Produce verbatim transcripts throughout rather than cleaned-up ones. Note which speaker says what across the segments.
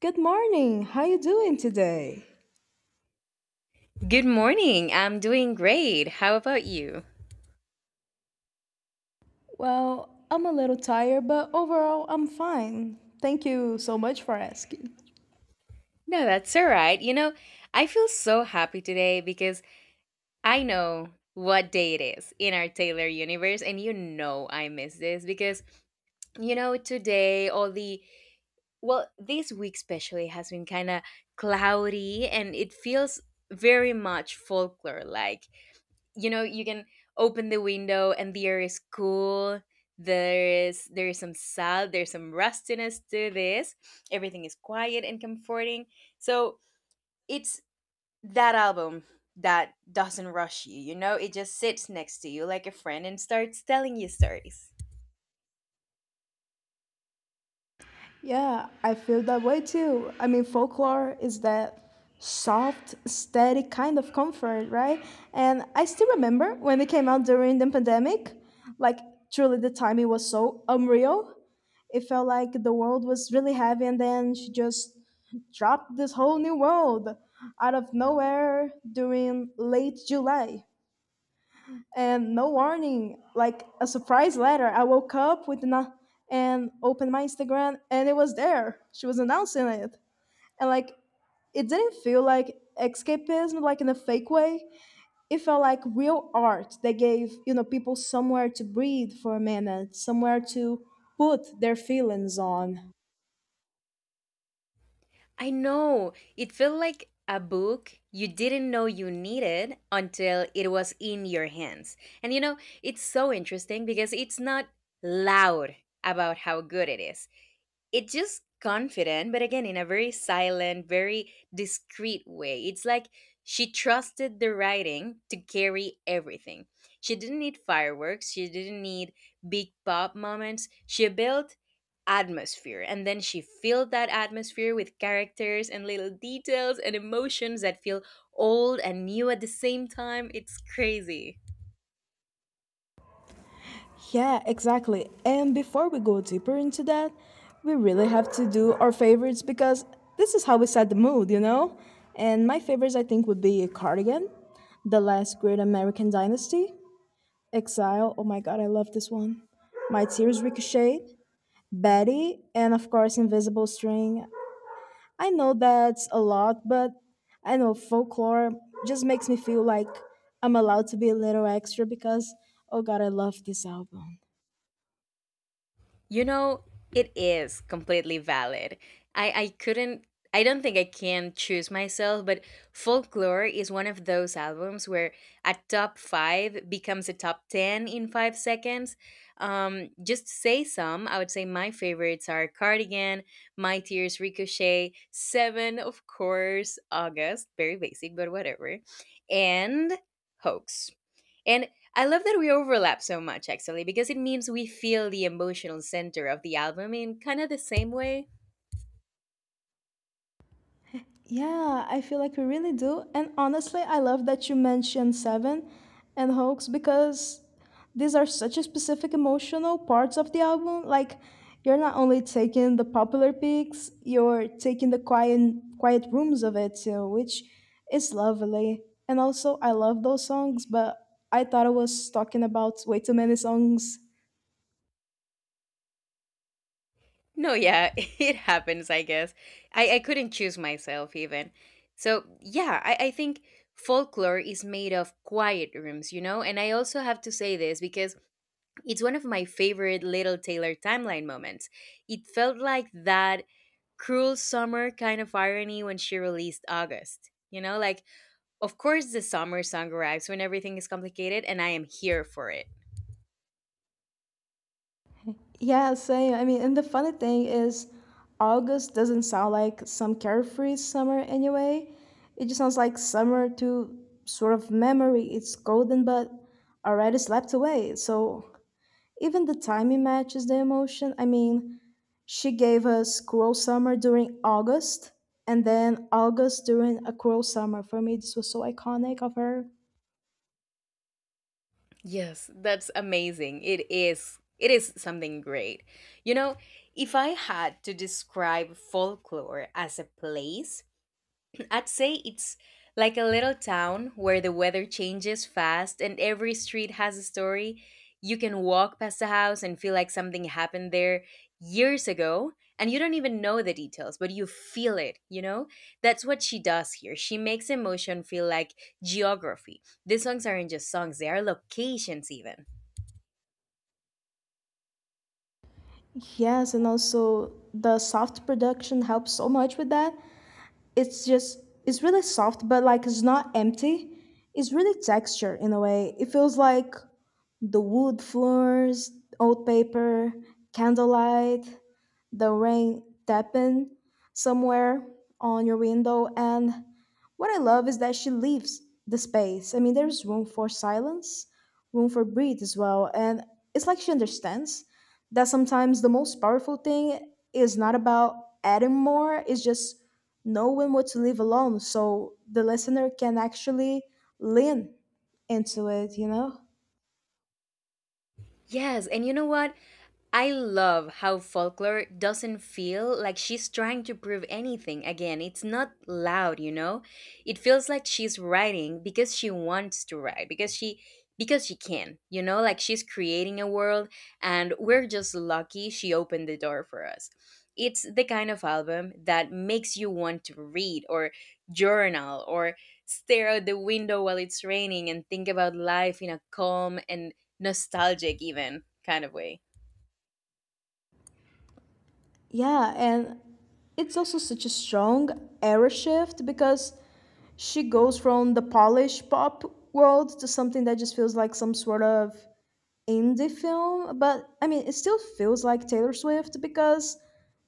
Speaker 1: Good morning. How you doing today?
Speaker 2: Good morning. I'm doing great. How about you?
Speaker 1: Well, I'm a little tired, but overall I'm fine. Thank you so much for asking.
Speaker 2: No, that's all right. You know, I feel so happy today because I know what day it is in our Taylor universe, and you know I miss this because, you know, today all the well, this week especially has been kind of cloudy and it feels very much folklore like. You know you can open the window and the air is cool, there is there is some salt, there's some rustiness to this, everything is quiet and comforting, so it's that album that doesn't rush you, you know, it just sits next to you like a friend and starts telling you stories.
Speaker 1: Yeah, I feel that way too. I mean, folklore is that soft, steady kind of comfort, right? And I still remember when it came out during the pandemic, like truly the timing was so unreal. It felt like the world was really heavy, and then she just dropped this whole new world out of nowhere during late July and no warning, like a surprise letter. I woke up with not and opened my Instagram and it was there. She was announcing it. And like it didn't feel like escapism like in a fake way. It felt like real art that gave, you know, people somewhere to breathe for a minute, somewhere to put their feelings on.
Speaker 2: I know it felt like a book you didn't know you needed until it was in your hands. And you know, it's so interesting because it's not loud about how good it is. It's just confident, but again, in a very silent, very discreet way. It's like she trusted the writing to carry everything. She didn't need fireworks, she didn't need big pop moments. She built atmosphere and then she filled that atmosphere with characters and little details and emotions that feel old and new at the same time. It's crazy.
Speaker 1: Yeah, exactly. And before we go deeper into that, we really have to do our favorites because this is how we set the mood, you know? And my favorites, I think, would be Cardigan, The Last Great American Dynasty, Exile, oh my god, I love this one. My Tears Ricochet, Betty, and of course, Invisible String. I know that's a lot, but I know folklore just makes me feel like I'm allowed to be a little extra because, oh god, I love this album.
Speaker 2: You know, it is completely valid. I, I couldn't, I don't think I can choose myself, but Folklore is one of those albums where a top five becomes a top ten in five seconds. Um, just to say some, I would say my favorites are Cardigan, My Tears Ricochet, Seven, of course, August, very basic, but whatever, and Hoax. And I love that we overlap so much, actually, because it means we feel the emotional center of the album in kind of the same way.
Speaker 1: Yeah, I feel like we really do. And honestly, I love that you mentioned Seven and Hoax because these are such a specific emotional parts of the album. Like you're not only taking the popular peaks, you're taking the quiet quiet rooms of it too, which is lovely. And also I love those songs, but I thought I was talking about way too many songs.
Speaker 2: No, yeah, it happens, I guess. I, I couldn't choose myself, even. So, yeah, I, I think folklore is made of quiet rooms, you know? And I also have to say this because it's one of my favorite Little Taylor timeline moments. It felt like that cruel summer kind of irony when she released August. You know, like of course, the summer song arrives when everything is complicated, and I am here for it.
Speaker 1: Yeah, same. I mean, and the funny thing is, August doesn't sound like some carefree summer anyway. It just sounds like summer to sort of memory. It's golden, but already slept away. So even the timing matches the emotion. I mean, she gave us cruel summer during August, and then August during a cruel summer. For me, this was so iconic of her.
Speaker 2: Yes, that's amazing. It is. It is something great. You know, if I had to describe folklore as a place, I'd say it's like a little town where the weather changes fast and every street has a story. You can walk past a house and feel like something happened there years ago, and you don't even know the details, but you feel it, you know? That's what she does here. She makes emotion feel like geography. These songs aren't just songs, they are locations, even.
Speaker 1: Yes, and also the soft production helps so much with that. It's just it's really soft but like it's not empty, it's really textured in a way. It feels like the wood floors, old paper, candlelight, the rain tapping somewhere on your window. And what I love is that she leaves the space. I mean, there's room for silence, room for breathe as well. And it's like she understands that sometimes the most powerful thing is not about adding more, it's just knowing what to leave alone so the listener can actually lean into it, you know?
Speaker 2: Yes, and you know what? I love how folklore doesn't feel like she's trying to prove anything. Again, it's not loud, you know? It feels like she's writing because she wants to write, because she because she can, you know, like she's creating a world and we're just lucky she opened the door for us. It's the kind of album that makes you want to read or journal or stare out the window while it's raining and think about life in a calm and nostalgic even kind of way.
Speaker 1: Yeah, and it's also such a strong era shift because she goes from the Polish pop world to something that just feels like some sort of indie film. But I mean, it still feels like Taylor Swift because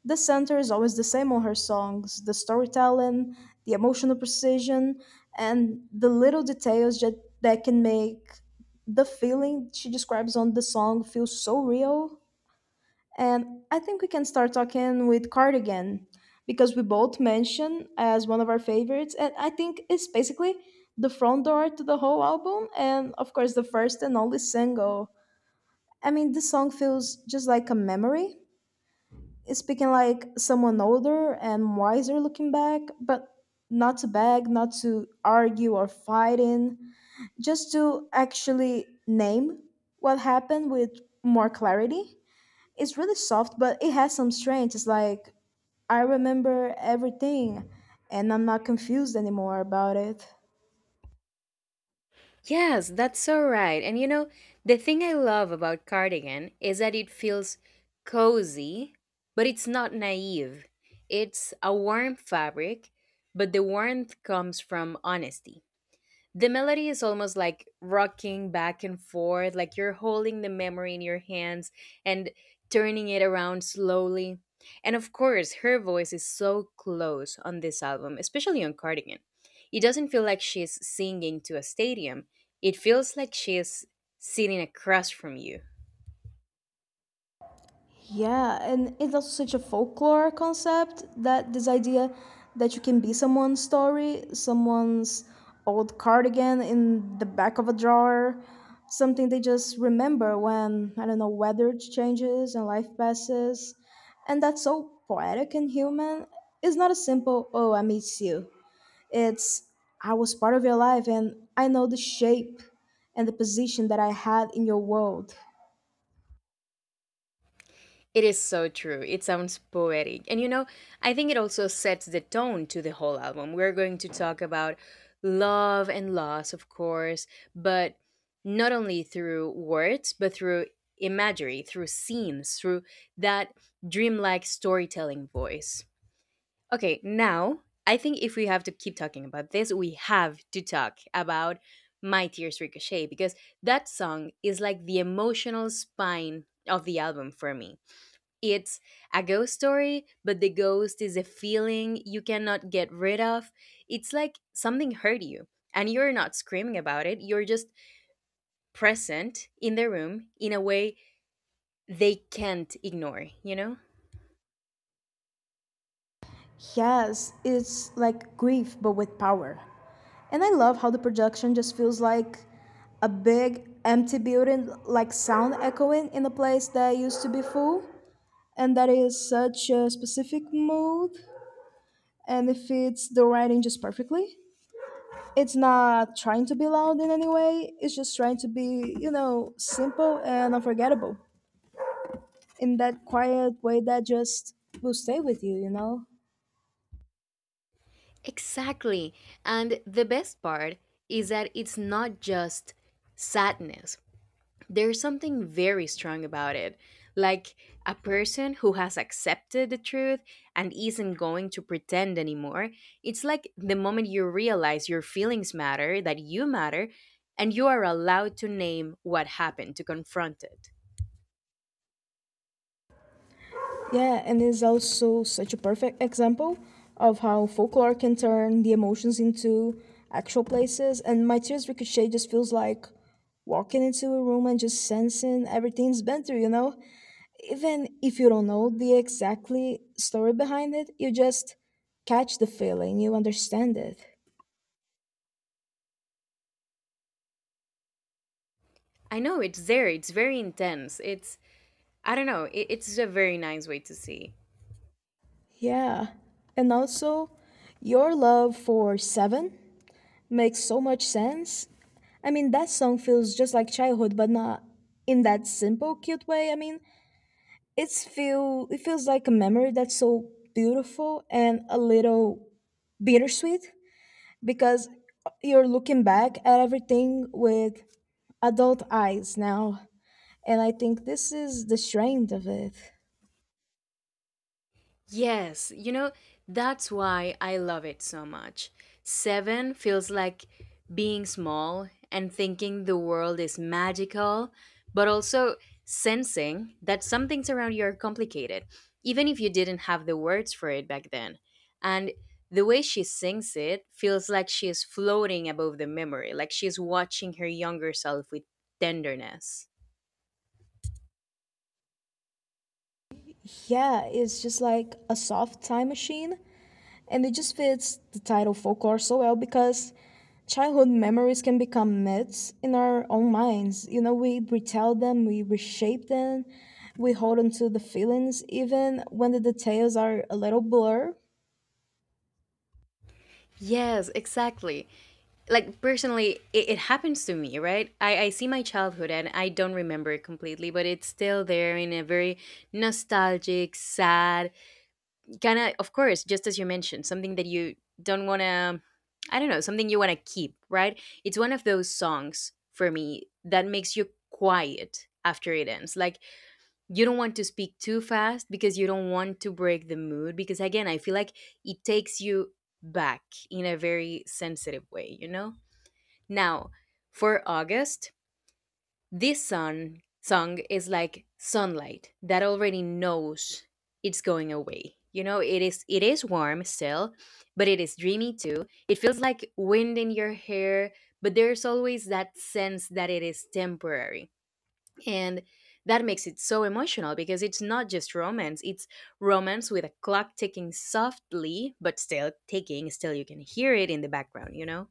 Speaker 1: the center is always the same on her songs, the storytelling, the emotional precision, and the little details that, that can make the feeling she describes on the song feel so real. And I think we can start talking with Cardigan because we both mentioned as one of our favorites, and I think it's basically the front door to the whole album, and of course the first and only single. I mean, this song feels just like a memory. It's speaking like someone older and wiser looking back, but not to beg, not to argue or fight in, just to actually name what happened with more clarity. It's really soft, but it has some strength. It's like I remember everything and I'm not confused anymore about it.
Speaker 2: Yes, that's so right. And you know, the thing I love about Cardigan is that it feels cozy, but it's not naive. It's a warm fabric, but the warmth comes from honesty. The melody is almost like rocking back and forth, like you're holding the memory in your hands and turning it around slowly. And of course, her voice is so close on this album, especially on Cardigan. It doesn't feel like she's singing to a stadium, it feels like she's sitting across from you.
Speaker 1: Yeah, and it's also such a folklore concept, that this idea that you can be someone's story, someone's old cardigan in the back of a drawer, something they just remember when, I don't know, weather changes and life passes. And that's so poetic and human. It's not a simple, oh, I miss you. It's, I was part of your life and I know the shape and the position that I had in your world.
Speaker 2: It is so true. It sounds poetic. And you know, I think it also sets the tone to the whole album. We're going to talk about love and loss, of course, but not only through words, but through imagery, through scenes, through that dreamlike storytelling voice. Okay, now I think if we have to keep talking about this, we have to talk about My Tears Ricochet because that song is like the emotional spine of the album for me. It's a ghost story, but the ghost is a feeling you cannot get rid of. It's like something hurt you, and you're not screaming about it. You're just present in the room in a way they can't ignore, you know?
Speaker 1: Yes, it's like grief, but with power. And I love how the production just feels like a big, empty building, like sound echoing in a place that used to be full. And that is such a specific mood, and it fits the writing just perfectly. It's not trying to be loud in any way, it's just trying to be, you know, simple and unforgettable, in that quiet way that just will stay with you, you know?
Speaker 2: Exactly. And the best part is that it's not just sadness, there's something very strong about it. Like a person who has accepted the truth and isn't going to pretend anymore. It's like the moment you realize your feelings matter, that you matter, and you are allowed to name what happened, to confront it.
Speaker 1: Yeah, and it's also such a perfect example of how folklore can turn the emotions into actual places. And My Tears Ricochet just feels like walking into a room and just sensing everything's been through, you know? Even if you don't know the exactly story behind it, you just catch the feeling, you understand it.
Speaker 2: I know it's there, it's very intense. It's, I don't know, it, it's a very nice way to see.
Speaker 1: Yeah. And also, your love for Seven makes so much sense. I mean, that song feels just like childhood, but not in that simple, cute way. I mean, it's feel it feels like a memory that's so beautiful and a little bittersweet, because you're looking back at everything with adult eyes now, and I think this is the strength of it.
Speaker 2: Yes, you know, that's why I love it so much. Seven feels like being small and thinking the world is magical, but also sensing that some things around you are complicated, even if you didn't have the words for it back then. And the way she sings it feels like she is floating above the memory, like she is watching her younger self with tenderness.
Speaker 1: Yeah, it's just like a soft time machine. And it just fits the title folklore so well because childhood memories can become myths in our own minds. You know, we retell them, we reshape them, we hold on to the feelings even when the details are a little blur.
Speaker 2: Yes, exactly. Like personally it, it happens to me, right, I, I see my childhood and I don't remember it completely but it's still there in a very nostalgic sad kind of of course, just as you mentioned, something that you don't want to, I don't know, something you want to keep, right? It's one of those songs for me that makes you quiet after it ends, like you don't want to speak too fast because you don't want to break the mood, because again I feel like it takes you back in a very sensitive way, you know? Now, for August, this sun song is like sunlight that already knows it's going away. You know, it is it is warm still, but it is dreamy too. It feels like wind in your hair, but there's always that sense that it is temporary. And that makes it so emotional because it's not just romance, it's romance with a clock ticking softly, but still ticking, still you can hear it in the background, you know?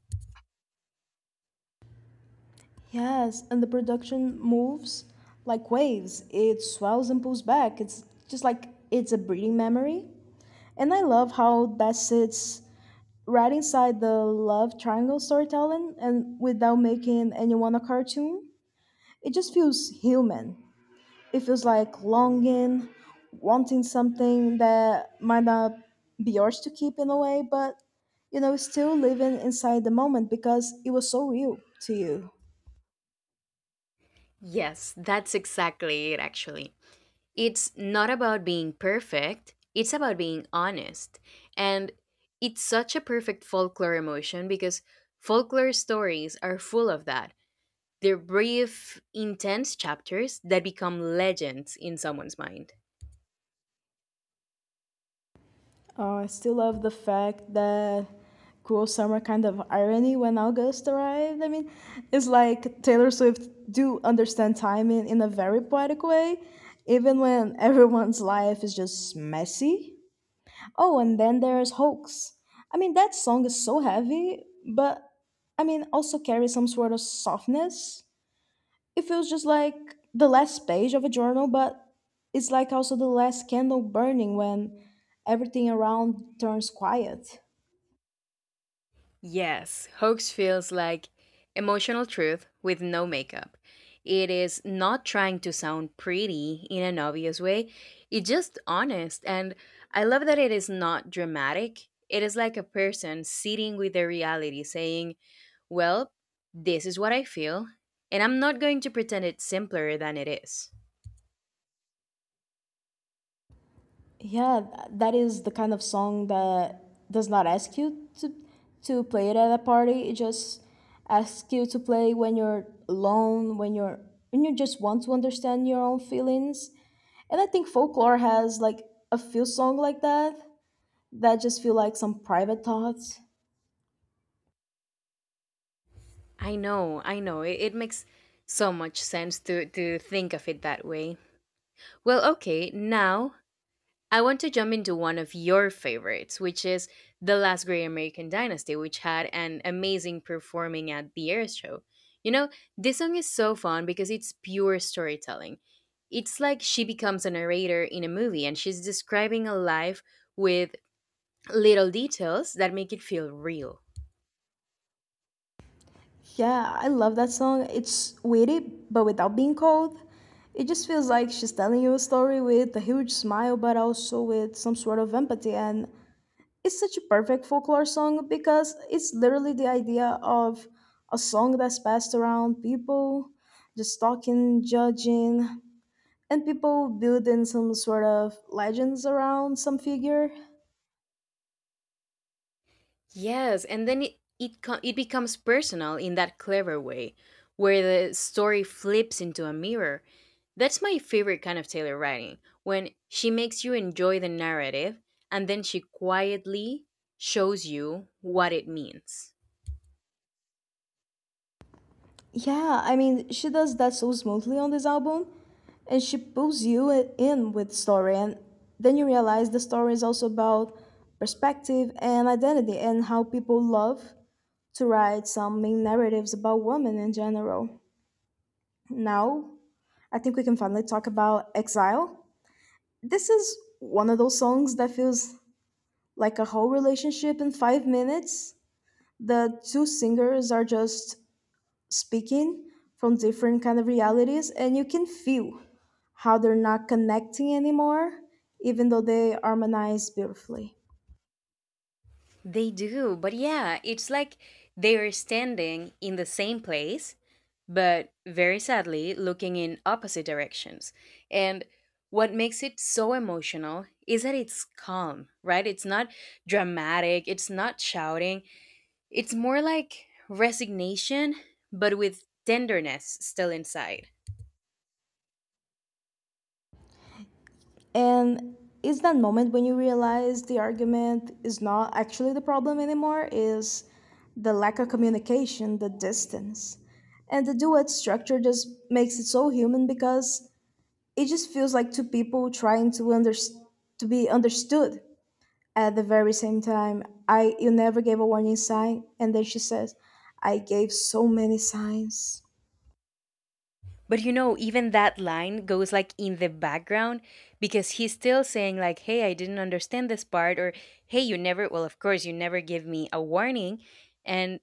Speaker 1: Yes, and the production moves like waves. It swells and pulls back. It's just like it's a breeding memory. And I love how that sits right inside the love triangle storytelling and without making anyone a cartoon. It just feels human. It feels like longing, wanting something that might not be yours to keep in a way, but you know, still living inside the moment because it was so real to you.
Speaker 2: Yes, that's exactly it, actually. It's not about being perfect, it's about being honest. And it's such a perfect folklore emotion because folklore stories are full of that. They're brief, intense chapters that become legends in someone's mind.
Speaker 1: Uh, I still love the fact that cool summer kind of irony when August arrived. I mean, it's like Taylor Swift do understand time in, in a very poetic way, even when everyone's life is just messy. Oh, and then there's Hoax. I mean, that song is so heavy, but I mean, also carries some sort of softness. It feels just like the last page of a journal, but it's like also the last candle burning when everything around turns quiet.
Speaker 2: Yes, hoax feels like emotional truth with no makeup. It is not trying to sound pretty in an obvious way, it's just honest. And I love that it is not dramatic. It is like a person sitting with their reality saying, "Well, this is what I feel, and I'm not going to pretend it's simpler than it is."
Speaker 1: Yeah, th- that is the kind of song that does not ask you to to play it at a party. It just asks you to play when you're alone, when you're when you just want to understand your own feelings. And I think folklore has like a few song like that that just feel like some private thoughts.
Speaker 2: I know, I know. It, it makes so much sense to, to think of it that way. Well, okay, now I want to jump into one of your favorites, which is The Last Great American Dynasty, which had an amazing performing at the air show. You know, this song is so fun because it's pure storytelling. It's like she becomes a narrator in a movie and she's describing a life with little details that make it feel real.
Speaker 1: Yeah, I love that song. It's witty but without being cold. It just feels like she's telling you a story with a huge smile but also with some sort of empathy, and it's such a perfect folklore song because it's literally the idea of a song that's passed around people just talking, judging, and people building some sort of legends around some figure.
Speaker 2: Yes, and then it it, co- it becomes personal in that clever way, where the story flips into a mirror. That's my favorite kind of Taylor writing, when she makes you enjoy the narrative and then she quietly shows you what it means.
Speaker 1: Yeah, I mean, she does that so smoothly on this album, and she pulls you i- in with story, and then you realize the story is also about perspective and identity, and how people love to write some main narratives about women in general. Now, I think we can finally talk about Exile. This is one of those songs that feels like a whole relationship in five minutes. The two singers are just speaking from different kind of realities and you can feel how they're not connecting anymore even though they harmonize beautifully.
Speaker 2: They do, but yeah, it's like they're standing in the same place, but very sadly looking in opposite directions. And what makes it so emotional is that it's calm, right? It's not dramatic, it's not shouting. It's more like resignation, but with tenderness still inside.
Speaker 1: And it's that moment when you realize the argument is not actually the problem anymore is the lack of communication, the distance, and the duet structure just makes it so human because it just feels like two people trying to under- to be understood. At the very same time, I you never gave a warning sign, and then she says, I gave so many signs.
Speaker 2: But you know, even that line goes like in the background because he's still saying like, "Hey, I didn't understand this part," or "Hey, you never." Well, of course, you never give me a warning, and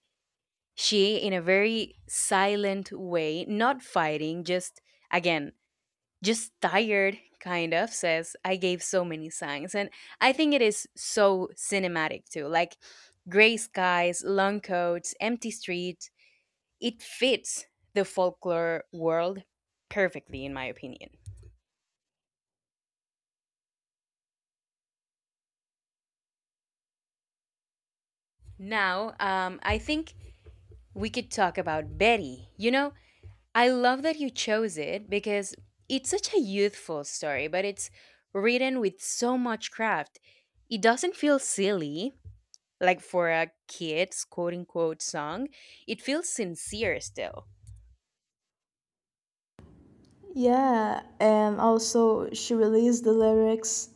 Speaker 2: she, in a very silent way, not fighting, just again, just tired, kind of says, "I gave so many signs," and I think it is so cinematic too, like gray skies, long coats, empty streets. It fits the folklore world perfectly, in my opinion. Now, um, I think we could talk about Betty. You know, I love that you chose it because it's such a youthful story, but it's written with so much craft. It doesn't feel silly, like for a kid's quote unquote song, it feels sincere still.
Speaker 1: Yeah, and also she released the lyrics,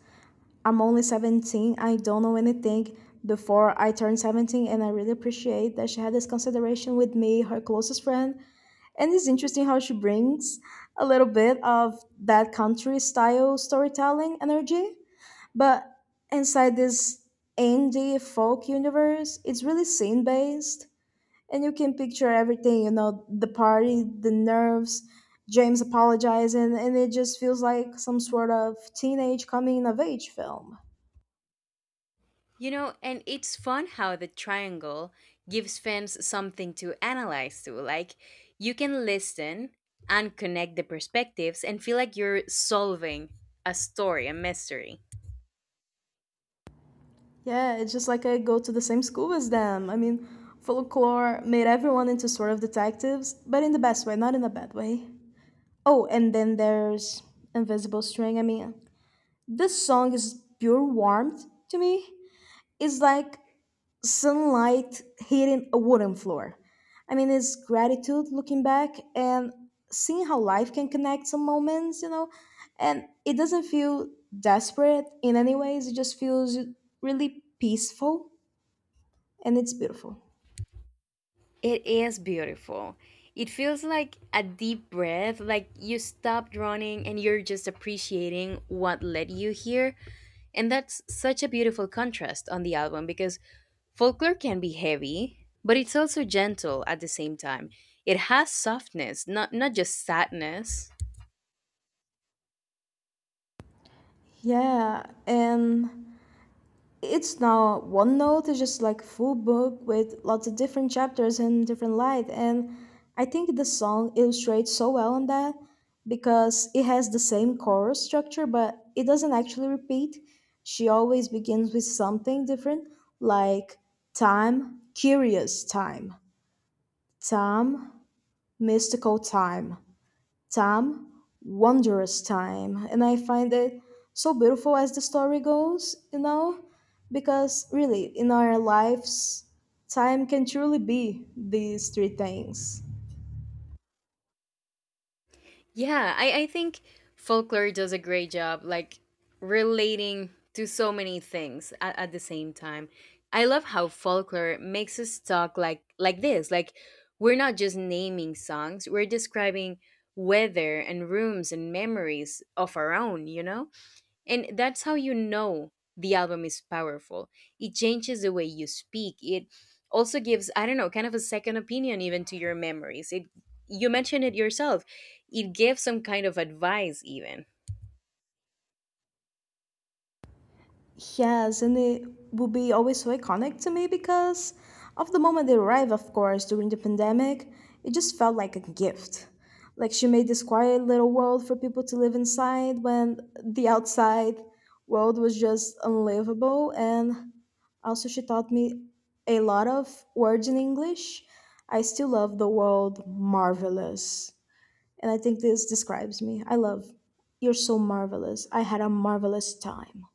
Speaker 1: I'm only seventeen, I don't know anything before I turned seventeen, and I really appreciate that she had this consideration with me, her closest friend. And it's interesting how she brings a little bit of that country style storytelling energy. But inside this indie folk universe, it's really scene based, and you can picture everything, you know, the party, the nerves, James apologizing, and it just feels like some sort of teenage coming of age film.
Speaker 2: You know, and it's fun how the triangle gives fans something to analyze to. Like, you can listen and connect the perspectives and feel like you're solving a story, a mystery.
Speaker 1: Yeah, it's just like I go to the same school as them. I mean, folklore made everyone into sort of detectives, but in the best way, not in a bad way. Oh, and then there's Invisible String. I mean, this song is pure warmth to me. It's like sunlight hitting a wooden floor. I mean, it's gratitude looking back and seeing how life can connect some moments, you know, and it doesn't feel desperate in any ways. It just feels really peaceful and it's beautiful.
Speaker 2: It is beautiful. It feels like a deep breath, like you stopped running and you're just appreciating what led you here. And that's such a beautiful contrast on the album because folklore can be heavy, but it's also gentle at the same time. It has softness, not not just sadness.
Speaker 1: Yeah, and it's now OneNote is just like full book with lots of different chapters and different light. And I think the song illustrates so well on that because it has the same chorus structure, but it doesn't actually repeat. She always begins with something different, like time, curious time, time, mystical time. Time, wondrous time. And I find it so beautiful as the story goes, you know? Because really, in our lives, time can truly be these three things.
Speaker 2: Yeah, I, I think folklore does a great job like relating to so many things at, at the same time. I love how folklore makes us talk like like this. Like we're not just naming songs, we're describing weather and rooms and memories of our own, you know? And that's how you know the album is powerful. It changes the way you speak. It also gives, I don't know, kind of a second opinion even to your memories. It, you mentioned it yourself. It gives some kind of advice even.
Speaker 1: Yes, and it will be always so iconic to me because of the moment they arrived, of course, during the pandemic, it just felt like a gift. Like she made this quiet little world for people to live inside when the outside world was just unlivable. And also, she taught me a lot of words in English. I still love the word marvelous. And I think this describes me. I love, you're so marvelous. I had a marvelous time.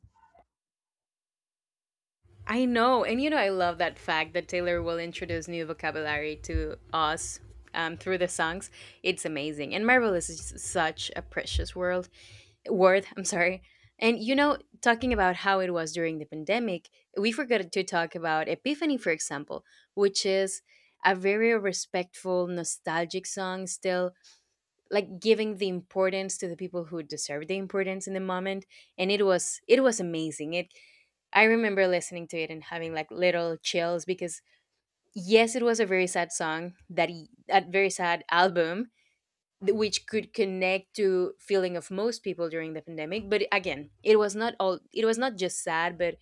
Speaker 2: I know, and you know I love that fact that Taylor will introduce new vocabulary to us, um, through the songs. It's amazing. And Marvelous is such a precious world. Worth, I'm sorry. And you know, talking about how it was during the pandemic, we forgot to talk about Epiphany, for example, which is a very respectful, nostalgic song, still like giving the importance to the people who deserve the importance in the moment. And it was it was amazing. It, I remember listening to it and having like little chills because yes, it was a very sad song that he, a very sad album th- which could connect to feeling of most people during the pandemic, but again it was not all, it was not just sad, but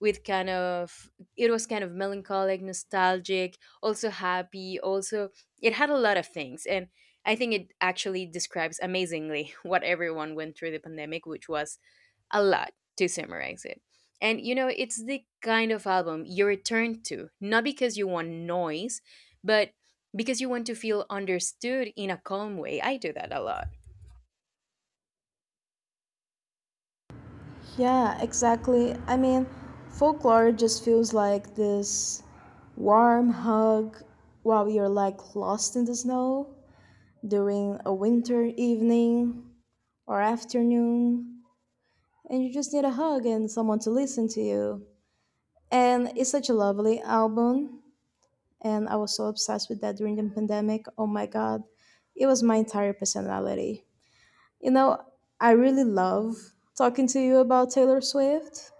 Speaker 2: with kind of, it was kind of melancholic, nostalgic, also happy, also, it had a lot of things, and I think it actually describes amazingly what everyone went through the pandemic, which was a lot to summarize it. And you know, it's the kind of album you return to, not because you want noise, but because you want to feel understood in a calm way. I do that a lot.
Speaker 1: Yeah, exactly. I mean, folklore just feels like this warm hug while you're like lost in the snow during a winter evening or afternoon, and you just need a hug and someone to listen to you. And it's such a lovely album, and I was so obsessed with that during the pandemic. Oh my god, it was my entire personality. You know, I really love talking to you about Taylor Swift.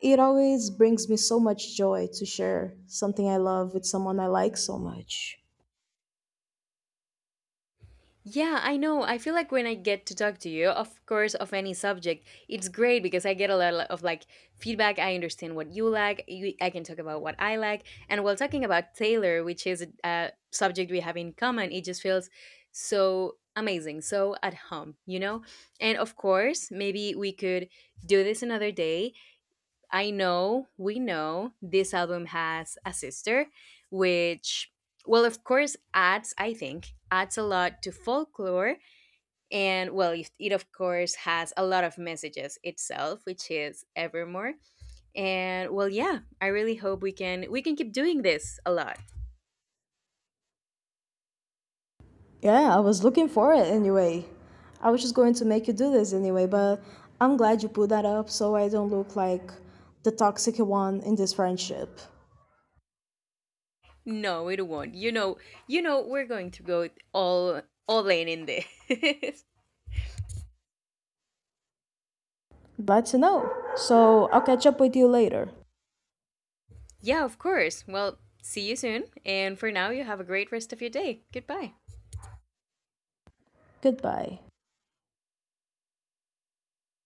Speaker 1: It always brings me so much joy to share something I love with someone I like so much.
Speaker 2: Yeah, I know. I feel like when I get to talk to you, of course, of any subject, it's great because I get a lot of like feedback. I understand what you like. You, I can talk about what I like. And while talking about Taylor, which is a subject we have in common, it just feels so amazing, so at home, you know? And of course, maybe we could do this another day. I know, we know this album has a sister, which, well, of course, adds, I think, adds a lot to folklore. And, well, it, it of course, has a lot of messages itself, which is Evermore. And, well, yeah, I really hope we can, we can keep doing this a lot.
Speaker 1: Yeah, I was looking for it anyway. I was just going to make you do this anyway, but I'm glad you put that up so I don't look like the toxic one in this friendship.
Speaker 2: No, it won't. You know, you know, we're going to go all, all in in this.
Speaker 1: Glad to know. So I'll catch up with you later.
Speaker 2: Yeah, of course. Well, see you soon. And for now, you have a great rest of your day. Goodbye.
Speaker 1: Goodbye.